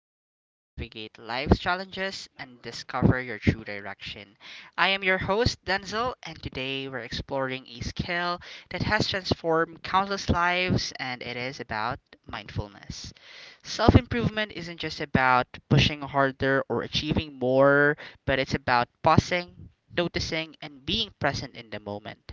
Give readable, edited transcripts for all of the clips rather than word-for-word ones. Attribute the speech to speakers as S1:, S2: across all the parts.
S1: that helps you navigate life's challenges and discover your true direction. I am your host, Denzel, and today we're exploring a skill that has transformed countless lives, and it is about mindfulness. Self improvement isn't just about pushing harder or achieving more, but it's about pausing, noticing, and being present in the moment.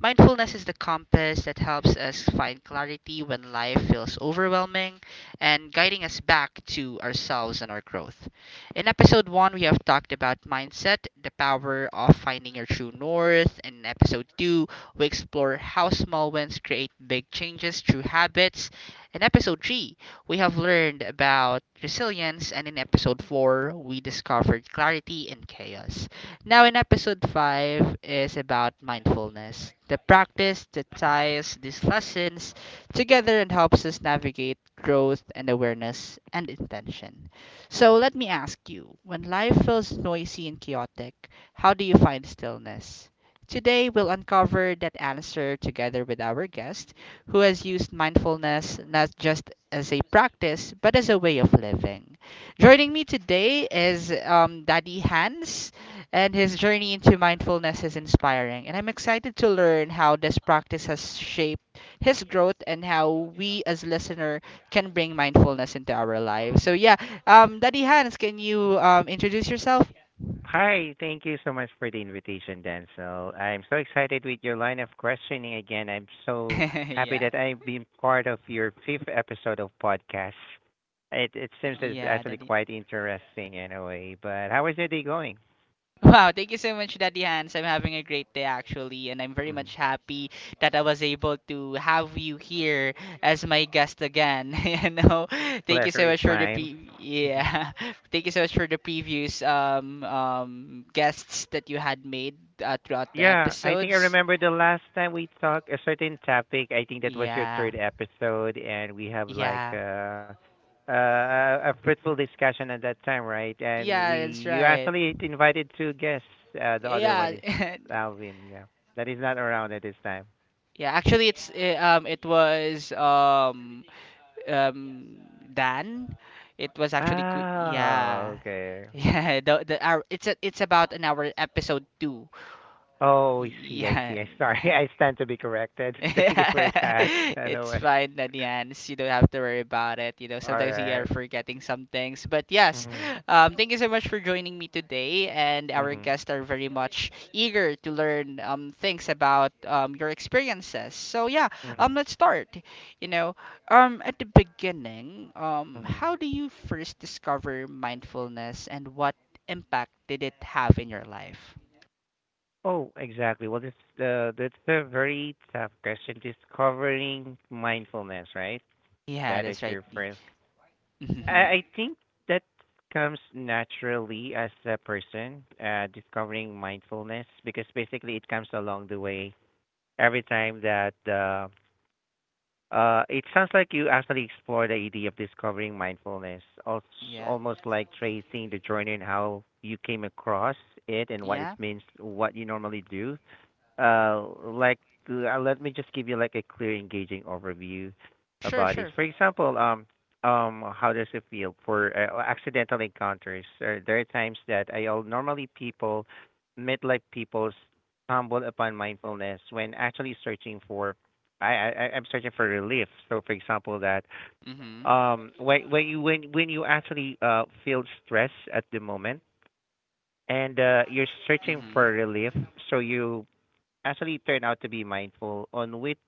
S1: Mindfulness is the compass that helps us find clarity when life feels overwhelming and guiding us back to ourselves and our growth. In episode 1, we have talked about mindset, the power of finding your true north. In episode 2, we explore how small wins create big changes through habits. In episode 3, we have learned about resilience. And in episode 4, we discovered clarity in chaos. Now, in episode 5 is about mindfulness, the practice that ties these lessons together and helps us navigate growth and awareness and intention. So, let me ask you, when life feels noisy and chaotic, how do you find stillness? Today, we'll uncover that answer together with our guest, who has used mindfulness not just as a practice, but as a way of living. Joining me today is Daddy Hans, and his journey into mindfulness is inspiring. And I'm excited to learn how this practice has shaped his growth and how we as listener can bring mindfulness into our lives. So yeah, Daddy Hans, can you introduce yourself?
S2: Hi, thank you so much for the invitation, Denzel. I'm so excited with your line of questioning again. I'm so happy
S1: Yeah,
S2: that I've been part of your fifth episode of podcast. It seems it's
S1: yeah,
S2: actually
S1: Daddy.
S2: quite interesting in a way. But how is your day going?
S1: Wow, thank you so much, Daddy Hans. I'm having a great day actually, and I'm very much
S2: Mhm.
S1: happy that I was able to have you here as my guest again. You know, thank you
S2: Pleasure
S1: so
S2: is
S1: much for the
S2: mine.
S1: thank you so much for the previous guests that you had made throughout the
S2: Yeah, I think I
S1: episodes.
S2: remember the last time we talked a certain topic. I think that was your
S1: Yeah,
S2: third episode, and we have like
S1: yeah,
S2: uh, uh, a fruitful discussion at that time, right? And
S1: yeah.
S2: we
S1: That's
S2: you
S1: right.
S2: actually invited two guests. The other one
S1: Yeah,
S2: is Alvin. Yeah, that is not around at this time.
S1: yeah. Actually, it was um Dan. It was actually qu-
S2: Oh,
S1: yeah.
S2: okay.
S1: Yeah, the our, it's about an hour episode 2.
S2: Oh, I see. I
S1: Yeah.
S2: see. I sorry.
S1: yeah.
S2: I stand to be corrected. Thank you for that.
S1: It's
S2: Anyway,
S1: fine, Nanyans. You don't have to worry about it. You know,
S2: all
S1: sometimes we are
S2: right.
S1: forgetting some things. But yes,
S2: Mhm.
S1: thank you so much for joining me today. And our
S2: Mhm.
S1: guests are very much eager to learn things about your experiences. So yeah,
S2: Mhm.
S1: let's start. You know, at the beginning,
S2: Mhm.
S1: how do you first discover mindfulness, and what impact did it have in your life?
S2: Oh, exactly. Well, this That's a very tough question. Discovering mindfulness, right?
S1: Yeah,
S2: That is
S1: that's right.
S2: your
S1: D.
S2: first. I, I think that comes naturally as a person, discovering mindfulness because basically it comes along the way. Every time that It sounds like you actually explore the idea of discovering mindfulness, also
S1: yeah,
S2: almost like tracing the journey and how you came across it and what it
S1: yeah,
S2: means, what you normally do uh like Let me just give you like a clear engaging overview
S1: sure,
S2: about this,
S1: sure.
S2: for example, how does it feel for accidental encounters? There are times that I'll normally people, midlife people, stumble upon mindfulness when actually searching for— I'm searching for relief. So, for example, that
S1: Mhm.
S2: when you actually feel stress at the moment and you're searching
S1: Mhm.
S2: for relief, so you actually turn out to be mindful on which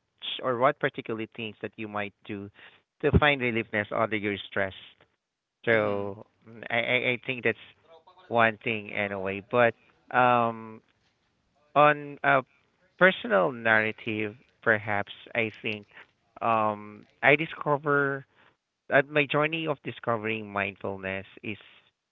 S2: or what particular things that you might do to find reliefness under your stress.
S1: Mhm.
S2: So I think that's one thing anyway. But um, on a personal narrative, perhaps I think, I discover— my journey of discovering mindfulness is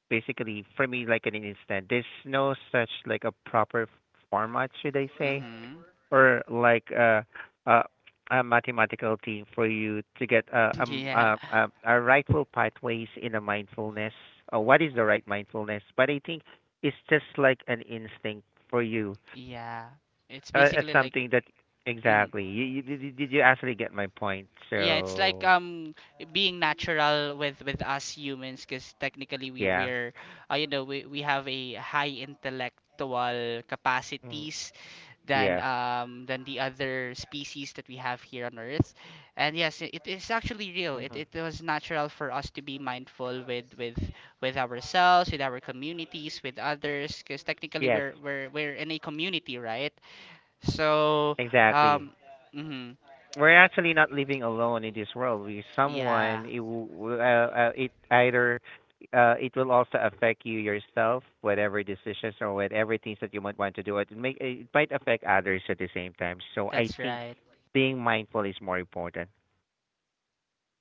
S2: basically for me like an instant. There's no such like a proper format, should I say?
S1: Mhm.
S2: Or uh, a mathematical thing for you to get
S1: Yeah.
S2: a rightful pathways in a mindfulness? What is the right mindfulness? But I think it's just like an instinct for you,
S1: Yeah. It's basically like
S2: something that—
S1: mhm.
S2: exactly. Did you actually get my point?
S1: Yeah, it's like
S2: So
S1: being natural with us humans, because technically we
S2: yeah,
S1: we're you know, we have a high intellectual
S2: mm,
S1: capacities
S2: yeah,
S1: than the other species that we have here on Earth. And yes, it is
S2: hmm
S1: actually real. It was natural for us to be mindful with ourselves, with our communities, with others, because
S2: yes,
S1: technically we're in a community, right? So
S2: exactly.
S1: um, mhm.
S2: We're actually not living alone in this world. We someone
S1: yeah,
S2: it w- It either— it will also affect you yourself, whatever decisions or whatever things that you might want to do. It might affect others at the same time. So I
S1: that's
S2: think
S1: right.
S2: being mindful is more important.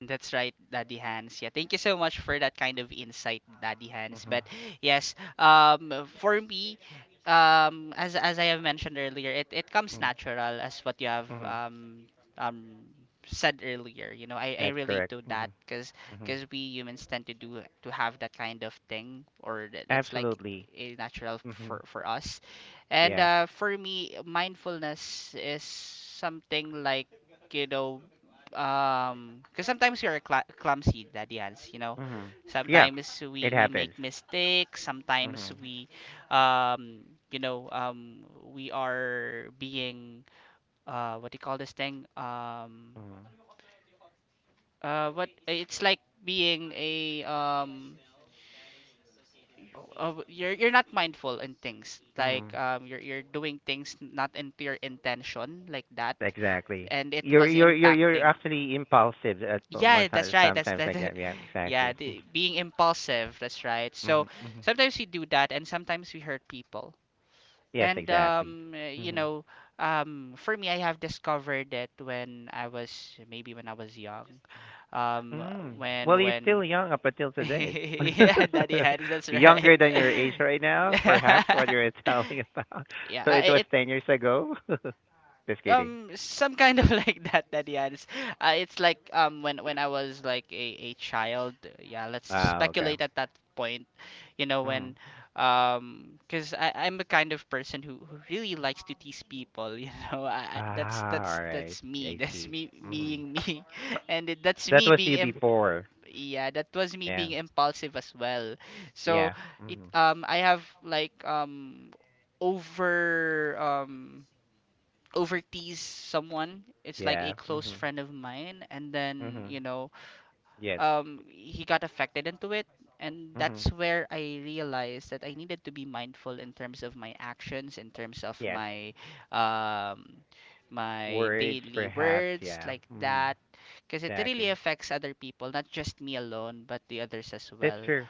S1: That's right, Daddy Hans. Yeah, thank you so much for that kind of insight, Daddy Hans.
S2: Mhm.
S1: But yes, for me, as I have mentioned earlier, it comes
S2: Mhm.
S1: natural as what you have
S2: Mhm.
S1: um said earlier. You know, I
S2: That's
S1: relate
S2: correct.
S1: to that
S2: Mhm. Mhm.
S1: because we humans tend to do to have that kind of thing, or that it's like
S2: Absolutely.
S1: a natural
S2: Mhm.
S1: for us. And
S2: Yeah.
S1: for me, mindfulness is something like, you know, because sometimes you're cla clumsy, daddy Hans, you know,
S2: Mhm. Yeah.
S1: sometimes
S2: It
S1: we make
S2: happens.
S1: mistakes, sometimes
S2: Mhm.
S1: we um you know um we are being what do you call this thing
S2: Mhm.
S1: what it's like being a you're not mindful in things like
S2: Mhm.
S1: you're doing things not into your intention like that,
S2: Exactly.
S1: and it
S2: You're
S1: was
S2: you're you're you're
S1: impacting.
S2: actually impulsive at
S1: Yeah,
S2: most
S1: that's right. That's
S2: sometimes
S1: that.
S2: like that. Yeah,
S1: Yeah,
S2: exactly.
S1: the, being impulsive. That's right.
S2: Mm-hmm.
S1: So sometimes we do that, and sometimes we hurt people.
S2: Yes,
S1: And
S2: exactly.
S1: you
S2: hmm
S1: know, for me, I have discovered that when I was, maybe when I was young, um,
S2: Mm. Well, you're still
S1: when
S2: young up until today.
S1: yeah, daddy had that's right.
S2: Younger than your age right now, perhaps what you're telling about.
S1: yeah,
S2: So
S1: I,
S2: it was
S1: it
S2: 10 years ago. Just kidding.
S1: some kind of like that, daddy Addis. It's like when I was like a child, yeah, let's
S2: Ah, okay.
S1: speculate at that point, you know,
S2: hmm
S1: when because I'm a kind of person who really likes to tease people. You know, that's
S2: Ah,
S1: that's
S2: all right.
S1: that's me.
S2: I
S1: That's
S2: see.
S1: me
S2: hmm
S1: being me. And it, that's
S2: That
S1: me
S2: was
S1: being
S2: you before.
S1: yeah, that was me
S2: Yeah.
S1: being impulsive as well. So
S2: Yeah.
S1: it,
S2: hmm
S1: I have like over um overtease someone. It's like a
S2: Yeah.
S1: close friend of mine, and then
S2: Mhm.
S1: you know,
S2: Yes.
S1: he got affected into it, and
S2: Mhm.
S1: that's where I realized that I needed to be mindful in terms of my actions, in terms of
S2: Yes.
S1: my, um, my
S2: Words,
S1: daily
S2: perhaps.
S1: words
S2: Yeah.
S1: like
S2: Mhm.
S1: that, because it really
S2: Exactly.
S1: affects other people, not just me alone, but the others as
S2: That's
S1: well.
S2: true.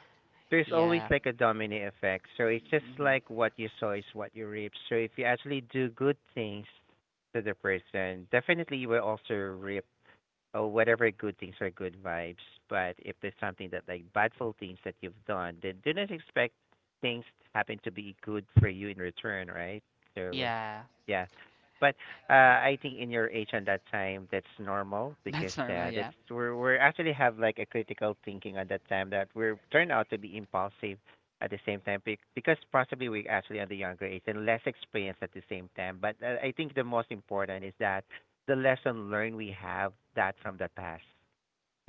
S2: There's always
S1: Yeah.
S2: like a domino effect. So it's just
S1: Hmm.
S2: like what you sow is what you reap. So if you actually do good things to the person, definitely you will also reap or whatever good things, are good vibes. But if there's something that like badful things that you've done, then do not expect things happen to be good for you in return, right? So
S1: Yeah.
S2: yeah. But uh, I think in your age and that time, that's normal because
S1: That's normal.
S2: that's
S1: Yeah.
S2: we're we actually have like a critical thinking at that time that we're turned out to be impulsive at the same time because possibly we're actually at the younger age and less experienced at the same time. But I think the most important is that the lesson learned we have that from the past.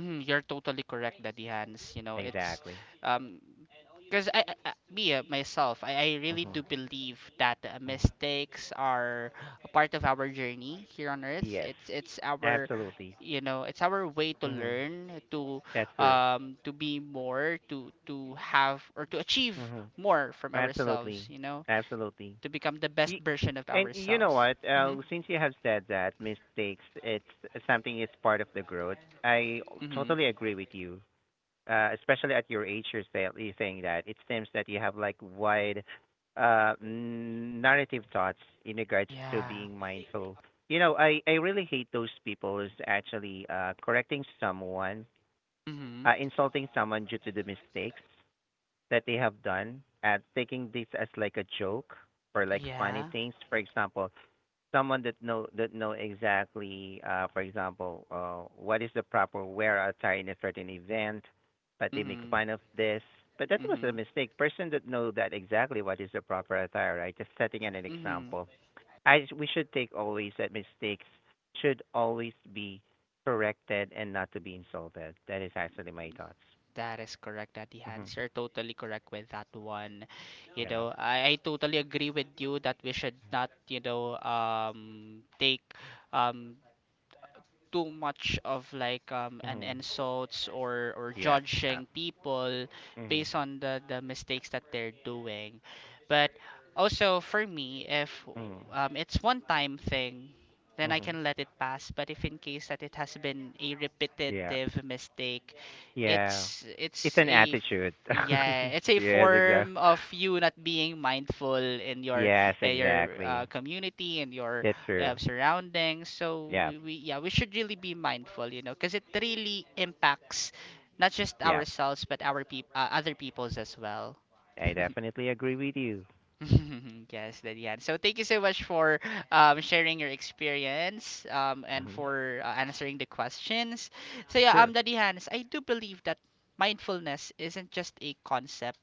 S1: Mm, you're totally correct, Daddy Hans. You know, it's
S2: Exactly.
S1: um, because I- me myself, I really
S2: hmm
S1: do believe that
S2: hmm
S1: mistakes are a part of our journey here on Earth.
S2: Yes.
S1: It's our,
S2: Absolutely.
S1: you know, it's our way to
S2: hmm
S1: learn,
S2: That's true.
S1: to be more, to have or to achieve
S2: hmm
S1: more from ourselves.
S2: Absolutely.
S1: You know,
S2: Absolutely.
S1: to become the best
S2: Y-
S1: version of
S2: and you know
S1: ourselves.
S2: what?
S1: Mhm.
S2: Since you have said that mistakes, it's something. It's part of the growth. I
S1: Mhm.
S2: totally agree with you. Especially at your age, you're, say, you're saying that it seems that you have like wide narrative thoughts in regards to
S1: Yeah.
S2: being mindful. You know, I really hate those people who's actually correcting someone,
S1: Mhm.
S2: insulting someone due to the mistakes that they have done and taking this as like a joke or like funny
S1: Yeah.
S2: things. For example, someone that know exactly, for example, what is the proper wear attire in a certain event, but they make
S1: Mhm.
S2: fun of this. But that was a
S1: Mhm.
S2: mistake person that know that exactly what is the proper attire, right? Just setting an
S1: Mhm.
S2: example. I We should take always that mistakes should always be corrected and not to be insulted. That is actually my thoughts.
S1: That is correct, Daddy
S2: mhm
S1: Hans. You're totally correct with that one. You
S2: Yeah.
S1: know, I totally agree with you that we should not, you know, take um, too much of like an
S2: mhm
S1: insults or
S2: Yeah.
S1: judging people
S2: mhm
S1: based on the mistakes that they're doing, but also for me, if
S2: mhm
S1: it's one time thing, then I
S2: mhm
S1: can let it pass. But if in case that it has been a
S2: yeah.
S1: repetitive mistake,
S2: Yeah.
S1: it's
S2: It's
S1: it's
S2: an
S1: a f-
S2: attitude.
S1: yeah, it's a
S2: Yes,
S1: form
S2: exactly.
S1: of you not being mindful in
S2: Yes,
S1: your
S2: exactly.
S1: community and your
S2: That's true.
S1: surroundings. So
S2: Yeah.
S1: we yeah, we should really be mindful, you know, because it really impacts not just
S2: Yeah.
S1: ourselves but our peop other people's as well.
S2: I definitely agree with you.
S1: Yes, Dadian. So thank you so much for sharing your experience, and
S2: hmm
S1: for answering the questions. So yeah,
S2: Sure.
S1: Dadian, I do believe that mindfulness isn't just a concept,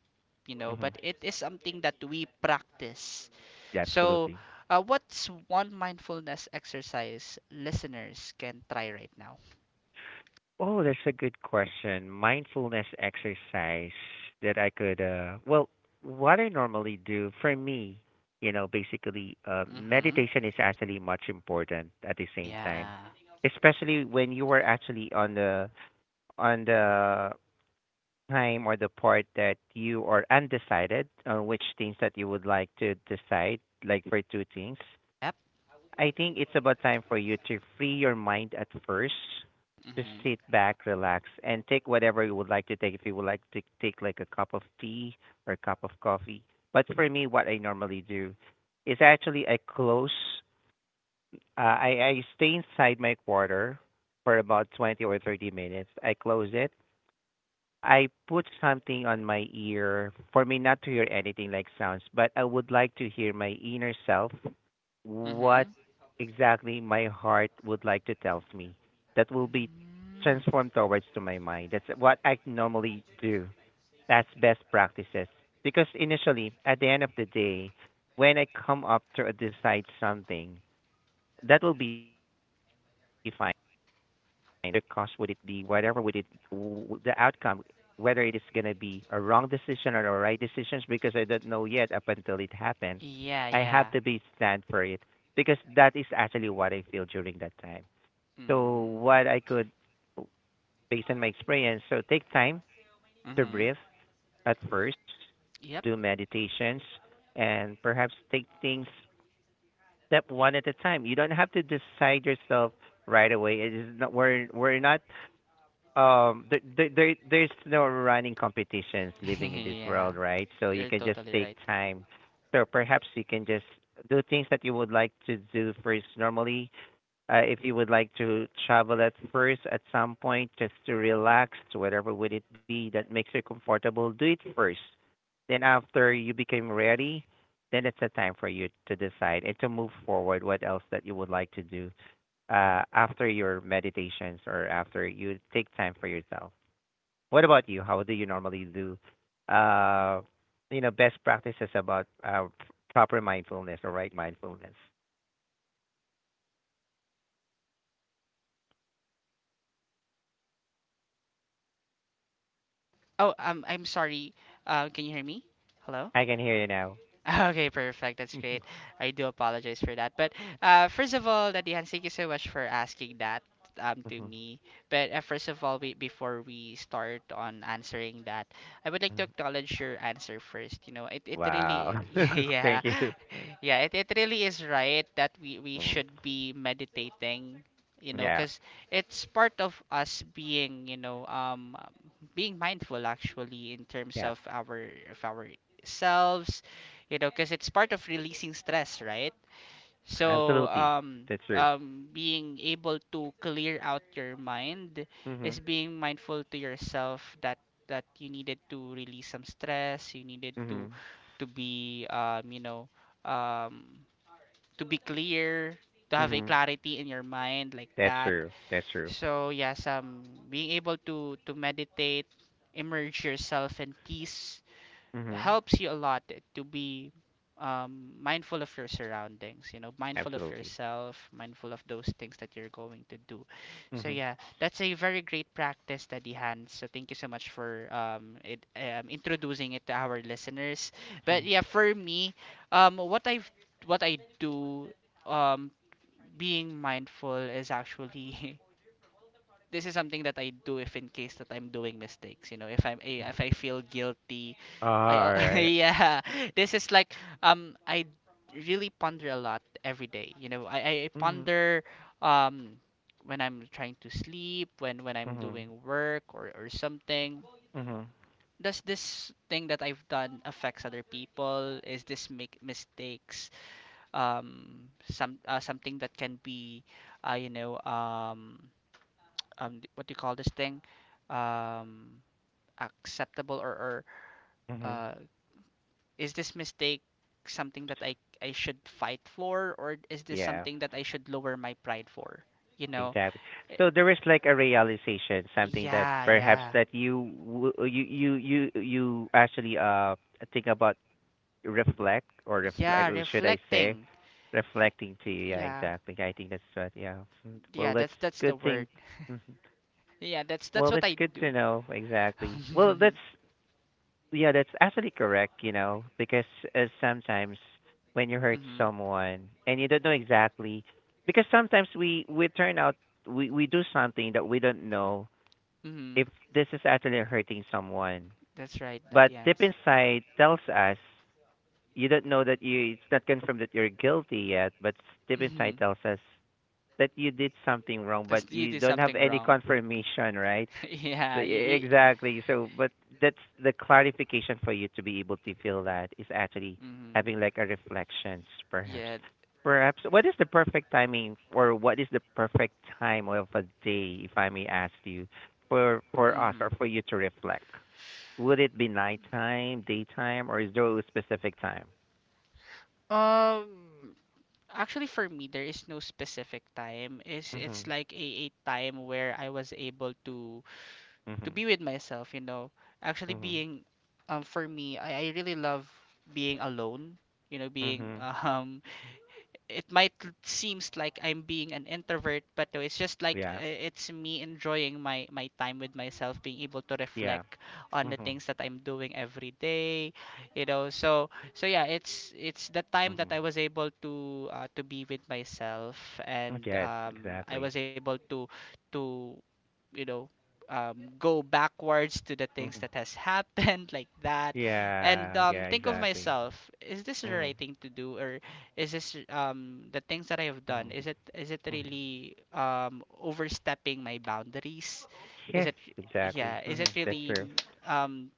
S1: you know,
S2: hmm
S1: but it is something that we practice.
S2: Yeah,
S1: So,
S2: absolutely.
S1: what's one mindfulness exercise listeners can try right now?
S2: Oh, that's a good question. Mindfulness exercise that I could, well, what I normally do for me, you know, basically,
S1: Mm-hmm.
S2: meditation is actually much important at the same time,
S1: Yeah.
S2: especially when you are actually on the time or the part that you are undecided on which things that you would like to decide, like for two things,
S1: Yep.
S2: I think it's about time for you to free your mind at first. Just
S1: Mm-hmm.
S2: sit back, relax, and take whatever you would like to take. If you would like to take like a cup of tea or a cup of coffee. But for me, what I normally do is actually I close, I stay inside my quarter for about 20 or 30 minutes. I close it. I put something on my ear for me not to hear anything like sounds, but I would like to hear my inner self, what
S1: Mm-hmm.
S2: exactly my heart would like to tell me. That will be
S1: Mm.
S2: transformed towards to my mind. That's what I normally do. That's best practices. Because initially, at the end of the day, when I come up to decide something, that will be fine the cost would it be, whatever would it, the outcome, whether it is going to be a wrong decision or a right decisions because I don't know yet up until it happened.
S1: Yeah,
S2: I have
S1: yeah.
S2: to be stand for it because that is actually what I feel during that time. So
S1: Mm.
S2: what I could, based on my experience, so take time to
S1: Mm-hmm.
S2: breathe at first, do
S1: Yep.
S2: meditations, and perhaps take things step one at a time. You don't have to decide yourself right away. It is not, we're not there's no running competitions living in this
S1: Yeah.
S2: world, right? So you
S1: You're
S2: can just
S1: totally
S2: take
S1: right.
S2: time, so perhaps you can just do things that you would like to do first normally. If you would like to travel at first at some point just to relax, whatever would it be that makes you comfortable, do it first, then after you became ready, then it's a time for you to decide and to move forward what else that you would like to do after your meditations or after you take time for yourself. What about you? How do you normally do, uh, you know, best practices about proper mindfulness or right mindfulness?
S1: Oh, I'm sorry. Can you hear me? Hello?
S2: I can hear you now.
S1: Okay, perfect. That's great. I do apologize for that. But first of all, Daddy Hans, thank you so much for asking that to me. But first of all, we, before we start on answering that, I would like to acknowledge your answer first. You know, it really,
S2: Wow.
S1: yeah,
S2: Thank you.
S1: yeah, it really is right that we
S2: Mhm.
S1: should be meditating, you know,
S2: Yeah.
S1: because it's part of us being, you know, being mindful actually in terms
S2: Yeah.
S1: of our selves, you know, because it's part of releasing stress, right? So
S2: Absolutely. That's true.
S1: being able to clear out your mind is
S2: Mhm.
S1: being mindful to yourself, that that you needed to release some stress, you needed
S2: Mhm.
S1: to be um to be clear, to have a
S2: Mhm.
S1: clarity in your mind like
S2: That's
S1: that.
S2: true. That's true.
S1: So yes, being able to meditate, immerse yourself in peace,
S2: Mhm.
S1: helps you a lot to be mindful of your surroundings, you know, mindful of
S2: Absolutely.
S1: yourself, mindful of those things that you're going to do. So
S2: Mhm.
S1: yeah, that's a very great practice, Daddy Hans. So thank you so much for introducing it to our listeners. But
S2: Mhm.
S1: yeah, for me, what I do, um, being mindful is actually this is something that I do if in case that I'm doing mistakes, you know, if I'm if I feel guilty,
S2: All right.
S1: yeah, this is like I really ponder a lot every day. You know, I
S2: Mhm.
S1: ponder um when I'm trying to sleep, when I'm
S2: Mhm.
S1: doing work or something.
S2: Mhm.
S1: Does this thing that I've done affects other people? Is this make mistakes something that can be you know what do you call this thing um acceptable or
S2: Mhm.
S1: uh is this mistake something that I should fight for, or is this
S2: Yeah.
S1: something that I should lower my pride for, you know.
S2: Exactly.
S1: Eh,
S2: So there is like a realization, something that
S1: yeah,
S2: perhaps
S1: yeah,
S2: that you w- you actually think about, reflect, or
S1: yeah,
S2: reflect, or should I say
S1: reflecting,
S2: reflecting to you. Yeah,
S1: yeah,
S2: exactly. I think that's what. Yeah. Mm. Well,
S1: yeah,
S2: that's
S1: that's the
S2: good thing.
S1: word,
S2: Mhm.
S1: yeah, that's
S2: Well,
S1: what
S2: that's
S1: I
S2: good
S1: do.
S2: to know. Exactly. Well,
S1: Mm-hmm.
S2: that's yeah, that's actually correct, you know, because sometimes when you hurt someone and you don't know exactly, because sometimes we turn out we do something that we don't know
S1: Mm-hmm.
S2: if this is actually hurting someone,
S1: That's right, that,
S2: but deep
S1: yes.
S2: inside tells us you don't know that you it's not confirmed that you're guilty yet, but deep inside
S1: Mm-hmm.
S2: tells us that you did something wrong, but
S1: Cause you
S2: you
S1: did
S2: don't have
S1: something
S2: any
S1: wrong.
S2: confirmation, right?
S1: Yeah, you, you,
S2: Exactly. So, but that's the clarification for you to be able to feel that is actually
S1: hmm,
S2: having like a reflections, perhaps.
S1: yeah,
S2: Perhaps what is the perfect timing, or what is the perfect time of a day, if I may ask you, for us or
S1: mm-hmm.
S2: for you to reflect? Would it be nighttime, daytime, or is there a specific time?
S1: Um, Actually, for me, there is no specific time. It's
S2: Mhm.
S1: like a time where I was able to
S2: Mhm.
S1: be with myself. You know, actually
S2: Mhm.
S1: being, for me, I really love being alone. You know, being
S2: Mhm.
S1: it might seems like I'm being an introvert, but no, it's just like
S2: Yeah.
S1: it's me enjoying my time with myself, being able to
S2: Yeah.
S1: reflect on the
S2: Mhm.
S1: things that I'm doing every day, you know. So yeah, it's the time that
S2: Mhm.
S1: I was able to be with myself, and
S2: Yes.
S1: I
S2: Exactly.
S1: was able to you know go backwards to the things
S2: Mhm.
S1: that has happened like that
S2: Yeah,
S1: and
S2: yeah,
S1: think of
S2: exactly.
S1: myself, is this the
S2: Mhm.
S1: right thing to do? Or is this, the things that I have done,
S2: Mhm.
S1: is it
S2: Mhm.
S1: really overstepping my boundaries? Is
S2: Yes,
S1: it,
S2: exactly.
S1: yeah, is it
S2: Mhm. That's
S1: really
S2: true.
S1: um,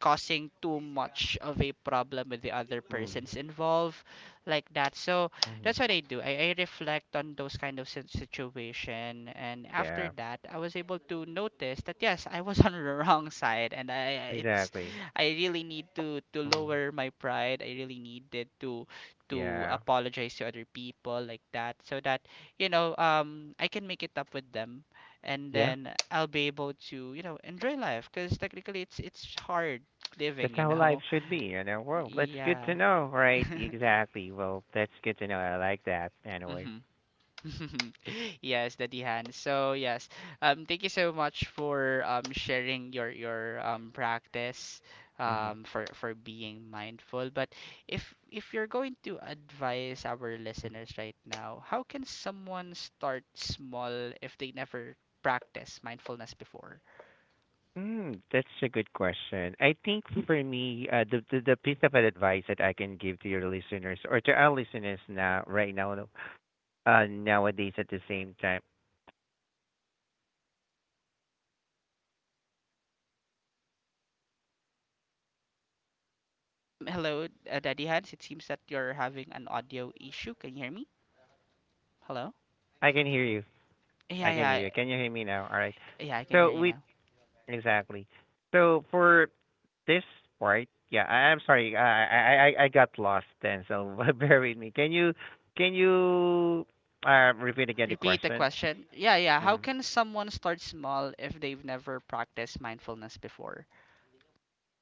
S1: causing too much of a problem with the other
S2: Mhm.
S1: persons involved like that? So
S2: Mhm.
S1: that's what I do. I reflect on those kind of situation, and after
S2: Yeah,
S1: that, I was able to notice that yes, I was on the wrong side, and I it's
S2: exactly.
S1: I really need to
S2: Mhm.
S1: lower my pride. I really needed to
S2: Yeah.
S1: apologize to other people like that, so that I can make it up with them, and
S2: Yeah.
S1: then I'll be able to you know enjoy life because technically it's hard
S2: That's
S1: living, you
S2: how life
S1: know.
S2: should be, you know. Well, that's good
S1: Yeah.
S2: to know, right? Exactly. Well, that's good to know. I like that anyway.
S1: Hmm. Yes, Daddy Hans. So yes, thank you so much for sharing your practice
S2: Mhm.
S1: for being mindful. But if you're going to advise our listeners right now, how can someone start small if they never practice mindfulness before?
S2: That's a good question. I think for me, the piece of advice that I can give to your listeners or to our listeners now, right now, nowadays at the same time,
S1: Hello, Daddy Hans. It seems that you're having an audio issue. Can you hear me? Hello?
S2: I can hear you.
S1: Yeah,
S2: I can hear
S1: yeah,
S2: you. Can you hear me now? All right.
S1: yeah. I can
S2: So
S1: hear you.
S2: we exactly. So for this part, yeah, I'm sorry. I got lost then. So bear with me. Can you repeat again the
S1: Repeat the
S2: question?
S1: question. Yeah, yeah. How
S2: Hmm.
S1: can someone start small if they've never practiced mindfulness before?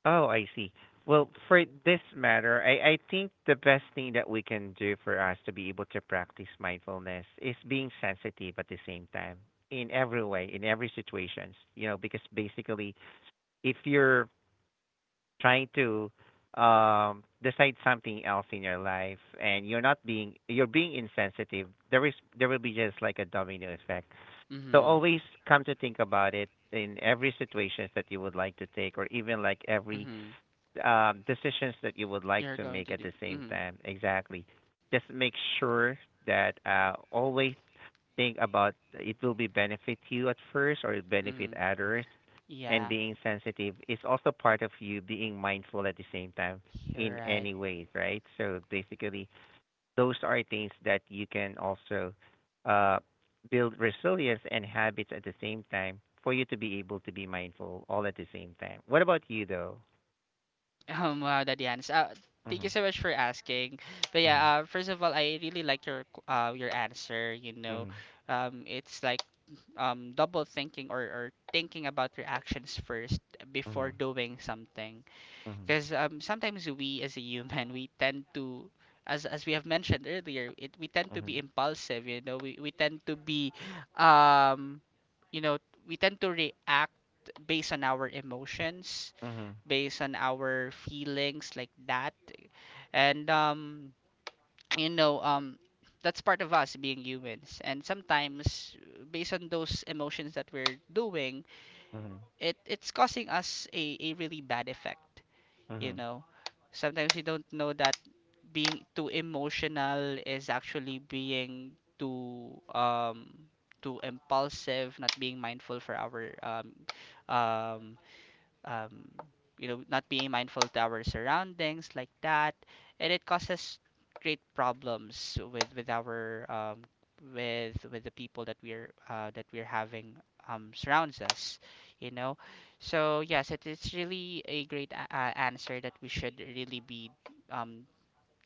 S2: Oh, I see. Well, for this matter, I think the best thing that we can do for us to be able to practice mindfulness is being sensitive at the same time in every way, in every situations. You know, because basically if you're trying to decide something else in your life and you're not being you're being insensitive, there will be just like a domino effect, so
S1: Mm-hmm.
S2: always come to think about it in every situations that you would like to take, or even like every
S1: Mm-hmm.
S2: decisions that you would like
S1: You're
S2: to
S1: going
S2: make
S1: to
S2: at
S1: do.
S2: the same
S1: Mm-hmm.
S2: time, exactly. Just make sure that always think about it, will be benefit you at first, or it benefit
S1: Mm-hmm.
S2: others. And
S1: Yeah,
S2: being sensitive is also part of you being mindful at the same time
S1: you're
S2: in
S1: right.
S2: any ways, right? So basically, those are things that you can also uh, build resilience and habits at the same time for you to be able to be mindful all at the same time. What about you, though?
S1: Wow, Daddy Hans. Thank you
S2: Mhm,
S1: so much for asking. But yeah,
S2: mhm,
S1: first of all, I really like your your answer. You know,
S2: mhm,
S1: it's like double thinking or thinking about your actions first
S2: mhm,
S1: before doing something. Because sometimes we as a human, we tend to, as we have mentioned earlier, it we tend to
S2: mhm,
S1: be impulsive. You know, we tend to be, um, you know, we tend to react based on our emotions,
S2: mhm, mhm,
S1: based on our feelings like that, and you know, um, that's part of us being humans. And sometimes, based on those emotions that we're doing,
S2: mhm,
S1: it's causing us a really bad effect you
S2: mhm,
S1: know, sometimes you don't know that being too emotional is actually being too too impulsive, not being mindful for our um um, you know, not being mindful to our surroundings like that, and it causes great problems with our with the people that we're having surrounds us, you know. So yes, it is really a great answer that we should really be um,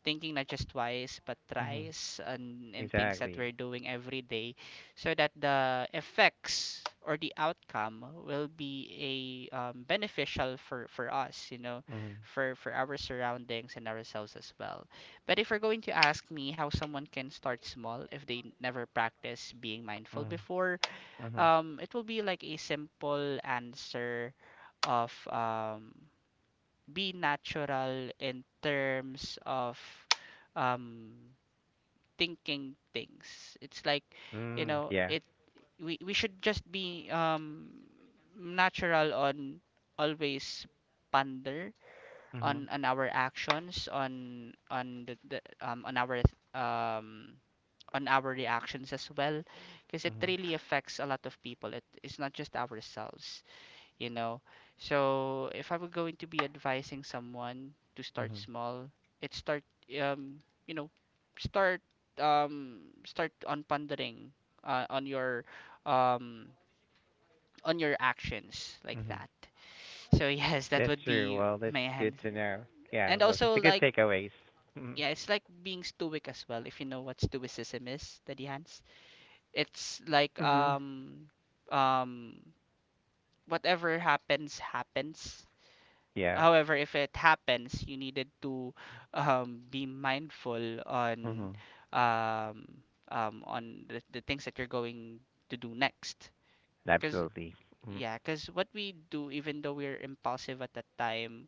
S1: thinking not just twice but
S2: mhm.
S1: thrice and in things that we're
S2: Exactly.
S1: doing every day so that the effects or the outcome will be a beneficial for us you know
S2: Mhm,
S1: for our surroundings and ourselves as well. But if you're going to ask me how someone can start small if they never practice being mindful
S2: mhm,
S1: before
S2: mhm.
S1: it will be like a simple answer of be natural in terms of um, thinking things. It's like, you
S2: Mm,
S1: know,
S2: yeah.
S1: it we should just be natural on always ponder
S2: Mhm,
S1: on our actions on the um on our reactions as well because it
S2: mhm,
S1: really affects a lot of people, it's not just ourselves you know. So if I were going to be advising someone to start
S2: mhm,
S1: small, it start um you know start start on pondering uh, on your um on your actions like
S2: mhm.
S1: that. So yes, that
S2: That's
S1: would
S2: true.
S1: be
S2: Well, that's
S1: my
S2: good
S1: answer.
S2: to know. Yeah,
S1: And
S2: well,
S1: also
S2: that's a good
S1: like
S2: takeaways. Mhm.
S1: yeah, it's like being stoic as well. If you know what stoicism is, Daddy Hans, it's like
S2: Mhm.
S1: um whatever happens happens.
S2: Yeah,
S1: However, if it happens, you needed to be mindful
S2: Mhm.
S1: on the things that you're going to do next. Because
S2: Absolutely. Mm,
S1: yeah, because what we do, even though we're impulsive at that time,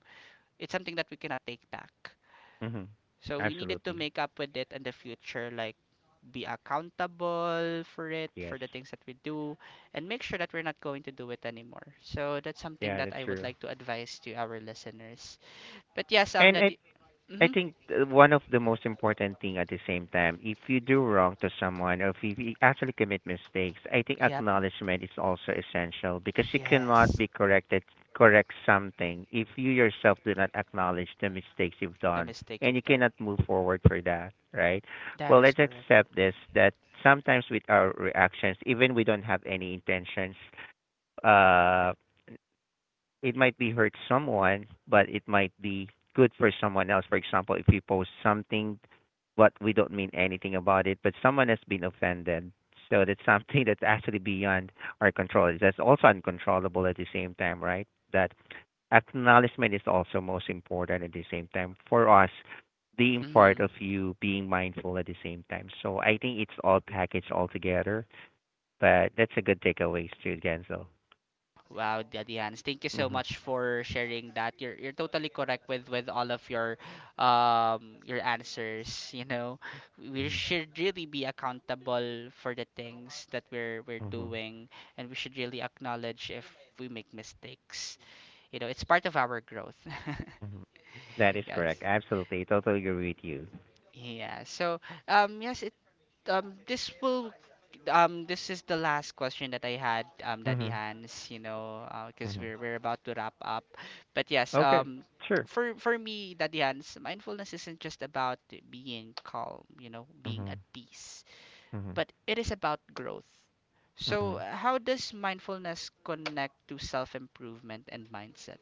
S1: it's something that we cannot take back.
S2: Mhm.
S1: So we needed to
S2: Absolutely.
S1: make up with it in the future, like be accountable for it,
S2: Yes.
S1: for the things that we do, and make sure that we're not going to do it anymore. So that's something
S2: Yeah,
S1: that
S2: that's
S1: I would
S2: true.
S1: like to advise to our listeners. But yes,
S2: And
S1: that
S2: I
S1: hmm.
S2: think one of the most important thing at the same time, if you do wrong to someone or if you actually commit mistakes, I think
S1: Yep.
S2: acknowledgement is also essential because you cannot
S1: Yes.
S2: be corrected correct something if you yourself do not acknowledge the mistakes you've
S1: The
S2: done,
S1: mistake
S2: and
S1: you've
S2: you
S1: done.
S2: cannot move forward for that, right?
S1: That
S2: Well,
S1: is
S2: let's
S1: correct.
S2: accept this, that sometimes with our reactions, even we don't have any intentions, uh it might be hurt someone, but it might be good for someone else. For example, if we post something, but we don't mean anything about it, but someone has been offended. So that's something that's actually beyond our control. That's also uncontrollable at the same time, right? That acknowledgement is also most important at the same time for us being part
S1: Hmm.
S2: of you being mindful at the same time. So I think it's all packaged all together, but that's a good takeaway too, Genzel.
S1: Wow, Daddy Hans, thank you so
S2: Mm-hmm.
S1: much for sharing that. You're totally correct with all of your answers. You know, we
S2: Mm-hmm.
S1: should really be accountable for the things that we're
S2: Mm-hmm.
S1: doing, and we should really acknowledge if we make mistakes. You know, it's part of our growth.
S2: Mhm. That is
S1: Yes.
S2: correct. Absolutely. Totally agree with you.
S1: Yeah. So, yes, it this will this is the last question that I had, Daddy
S2: Mhm.
S1: Hans, you know, because
S2: Mhm.
S1: we're about to wrap up. But yes,
S2: Okay. Sure.
S1: for me, Daddy Hans, mindfulness isn't just about being calm, you know, being at
S2: Mhm.
S1: peace,
S2: Mhm.
S1: but it is about growth. So,
S2: Mhm.
S1: how does mindfulness connect to self-improvement and mindset?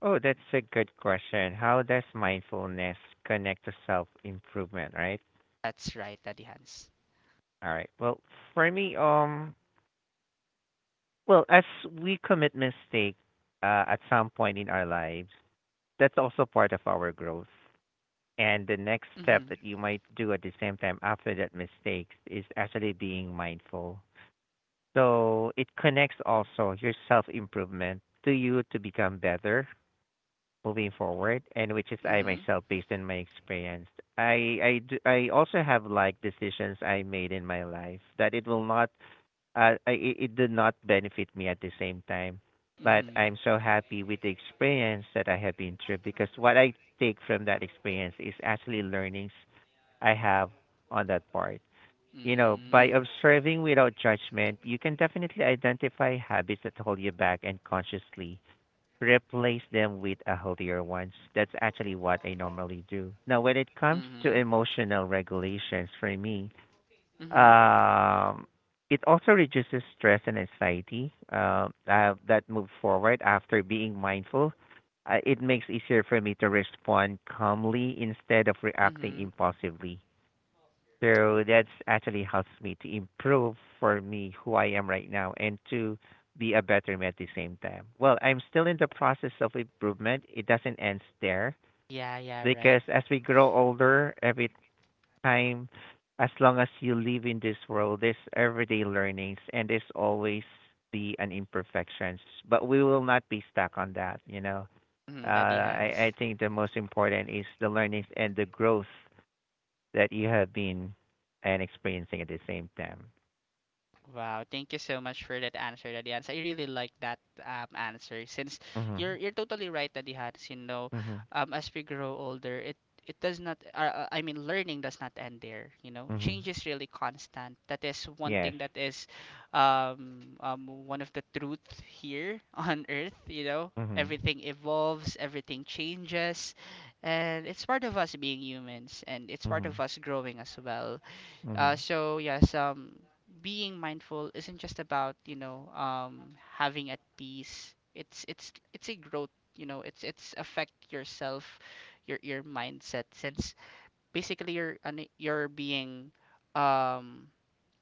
S2: Oh, that's a good question. How does mindfulness connect to self-improvement, right?
S1: That's right, Daddy Hans.
S2: All right. Well, for me, well, as we commit mistake at some point in our lives, that's also part of our growth. And the next step
S1: Mhm.
S2: that you might do at the same time after that mistake is actually being mindful. So it connects also your self improvement to you to become better moving forward, and which is I
S1: Mhm.
S2: myself based on my experience, I also have like decisions I made in my life that it will not it did not benefit me at the same time, but
S1: Mhm.
S2: I'm so happy with the experience that I have been through, because what I take from that experience is actually learnings I have on that part, you know, by
S1: Mm.
S2: observing without judgment, you can definitely identify habits that hold you back and consciously replace them with a healthier ones. That's actually what I normally do. Now, when it comes to
S1: Mhm.
S2: emotional regulations for me,
S1: Mhm.
S2: um, it also reduces stress and anxiety that move forward after being mindful. It makes easier for me to respond calmly instead of reacting
S1: Mhm.
S2: impulsively. So that's actually helps me to improve for me who I am right now, and to be a better me at the same time. Well, I'm still in the process of improvement. It doesn't end there
S1: Yeah, yeah, right.
S2: because as we grow older, every time, as long as you live in this world, there's everyday learnings, and there's always be an imperfections. But we will not be stuck on that, you know.
S1: Mhm, Daddy Hans.
S2: I think the most important is the learnings and the growth that you have been and experiencing at the same time.
S1: Wow, thank you so much for that answer, Daddy Hans. I really like that answer since
S2: Mhm.
S1: you're totally right, Daddy Hans. You know,
S2: Mhm.
S1: as we grow older, it does not. I mean, learning does not end there. You know,
S2: Mhm.
S1: change is really constant. That is one
S2: Yes.
S1: thing that is, one of the truth here on Earth. You know,
S2: Mhm.
S1: everything evolves, everything changes, and it's part of us being humans, and it's part of
S2: Mhm.
S1: us growing as well.
S2: Mhm.
S1: So yes, being mindful isn't just about you know having at peace. It's it's a growth. You know, it's affect yourself, your mindset. Since basically you're being um,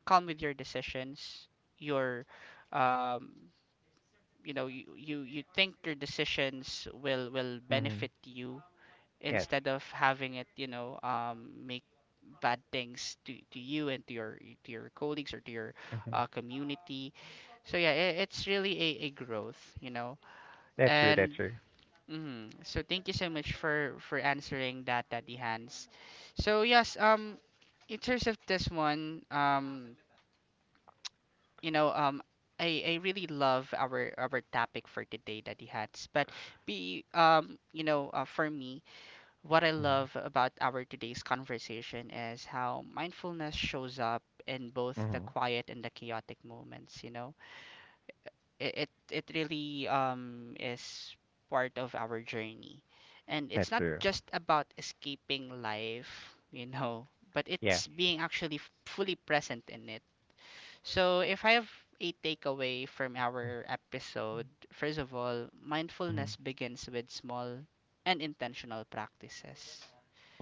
S1: calm with your decisions. You're um, you know you, you think your decisions will
S2: Mhm.
S1: benefit you
S2: Yes.
S1: instead of having it, you know, make bad things to you and to your colleagues or to your
S2: Mhm.
S1: community. So yeah, it's really a growth, you know.
S2: That's true. That's
S1: And
S2: true.
S1: mhm. So thank you so much for answering that, Daddy Hans. So yes, in terms of this one, you know, I really love our topic for today, Daddy Hans. But be you know, for me, what I
S2: Mhm.
S1: love about our today's conversation is how mindfulness shows up in both the
S2: Mhm.
S1: quiet and the chaotic moments, you know. It really is part of our journey. And
S2: That's
S1: it's not
S2: true.
S1: just about escaping life, you know, but
S2: Yeah.
S1: it's being actually fully present in it. So if I have a takeaway from our episode, first of all,
S2: Mhm.
S1: mindfulness begins with small and intentional practices,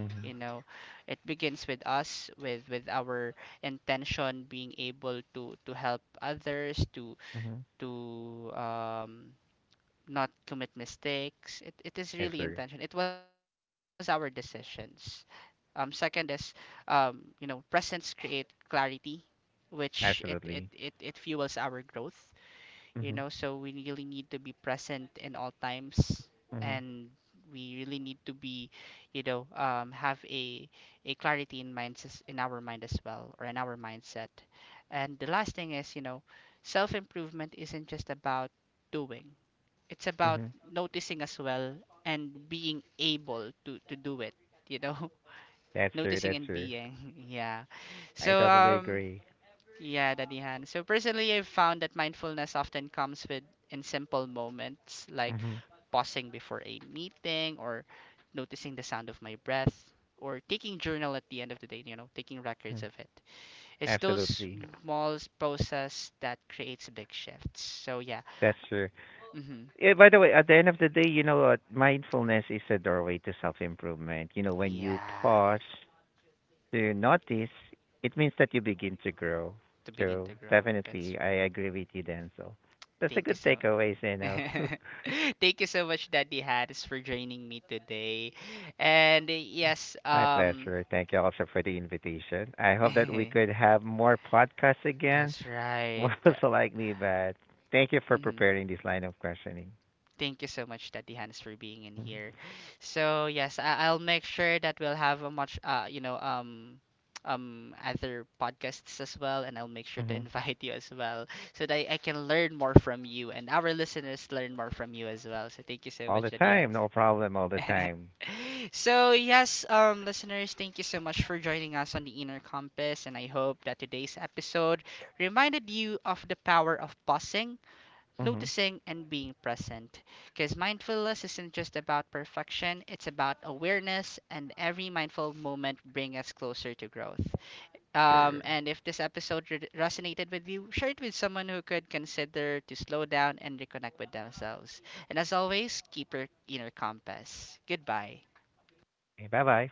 S2: Mhm.
S1: you know, it begins with us with our intention being able to help others
S2: Mhm.
S1: to not commit mistakes, it is
S2: That's
S1: really
S2: true.
S1: intention, it was our decisions. Second is you know, presence create clarity which
S2: Absolutely.
S1: it fuels our growth you
S2: Mhm.
S1: know, so we really need to be present in all times
S2: Mhm.
S1: and we really need to be you know have a clarity in minds, in our mind as well, or in our mindset. And the last thing is you know self improvement isn't just about doing, it's about
S2: Mhm.
S1: noticing as well and being able to do it you know.
S2: That's true.
S1: Noticing
S2: That's
S1: and
S2: true.
S1: being yeah.
S2: I
S1: So
S2: totally agree.
S1: yeah, Danihan. So personally, I've found that mindfulness often comes with in simple moments like
S2: Mhm.
S1: pausing before a meeting or noticing the sound of my breath or taking journal at the end of the day, you know, taking records
S2: Mhm.
S1: of it. It's those
S2: Absolutely.
S1: small process that creates big shifts. So yeah.
S2: That's true.
S1: Hmm.
S2: Yeah, by the way, at the end of the day, you know what? Mindfulness is a doorway to self improvement. You know, when you
S1: Yeah,
S2: pause to notice, it means that you begin to grow.
S1: to begin
S2: So
S1: to grow. That's
S2: definitely, I agree with you, Denzel. That's a
S1: thank you
S2: good
S1: so much.
S2: takeaway, Zeno.
S1: Thank you so much, Daddy Hans, for joining me today. And yes,
S2: My pleasure. Thank you also for the invitation. I hope that we could have more podcasts again.
S1: that's right.
S2: What was likely, but thank you for
S1: Hmm.
S2: preparing this line of questioning.
S1: Thank you so much, Daddy Hans, for being in
S2: Hmm.
S1: here. So yes, I- I'll make sure that we'll have a much, you know, other podcasts as well, and I'll make sure to
S2: Hmm.
S1: invite you as well, so that I can learn more from you and our listeners learn more from you as well. So thank you so
S2: All
S1: much,
S2: the
S1: Daddy
S2: time,
S1: Hans.
S2: no problem, all the time.
S1: So, yes, listeners, thank you so much for joining us on the Inner Compass, and I hope that today's episode reminded you of the power of pausing,
S2: Hmm.
S1: noticing, and being present. Because mindfulness isn't just about perfection, it's about awareness, and every mindful moment brings us closer to growth.
S2: Sure.
S1: And if this episode resonated with you, share it with someone who could consider to slow down and reconnect with themselves. And as always, keep your inner compass. Goodbye.
S2: Okay. Bye-bye.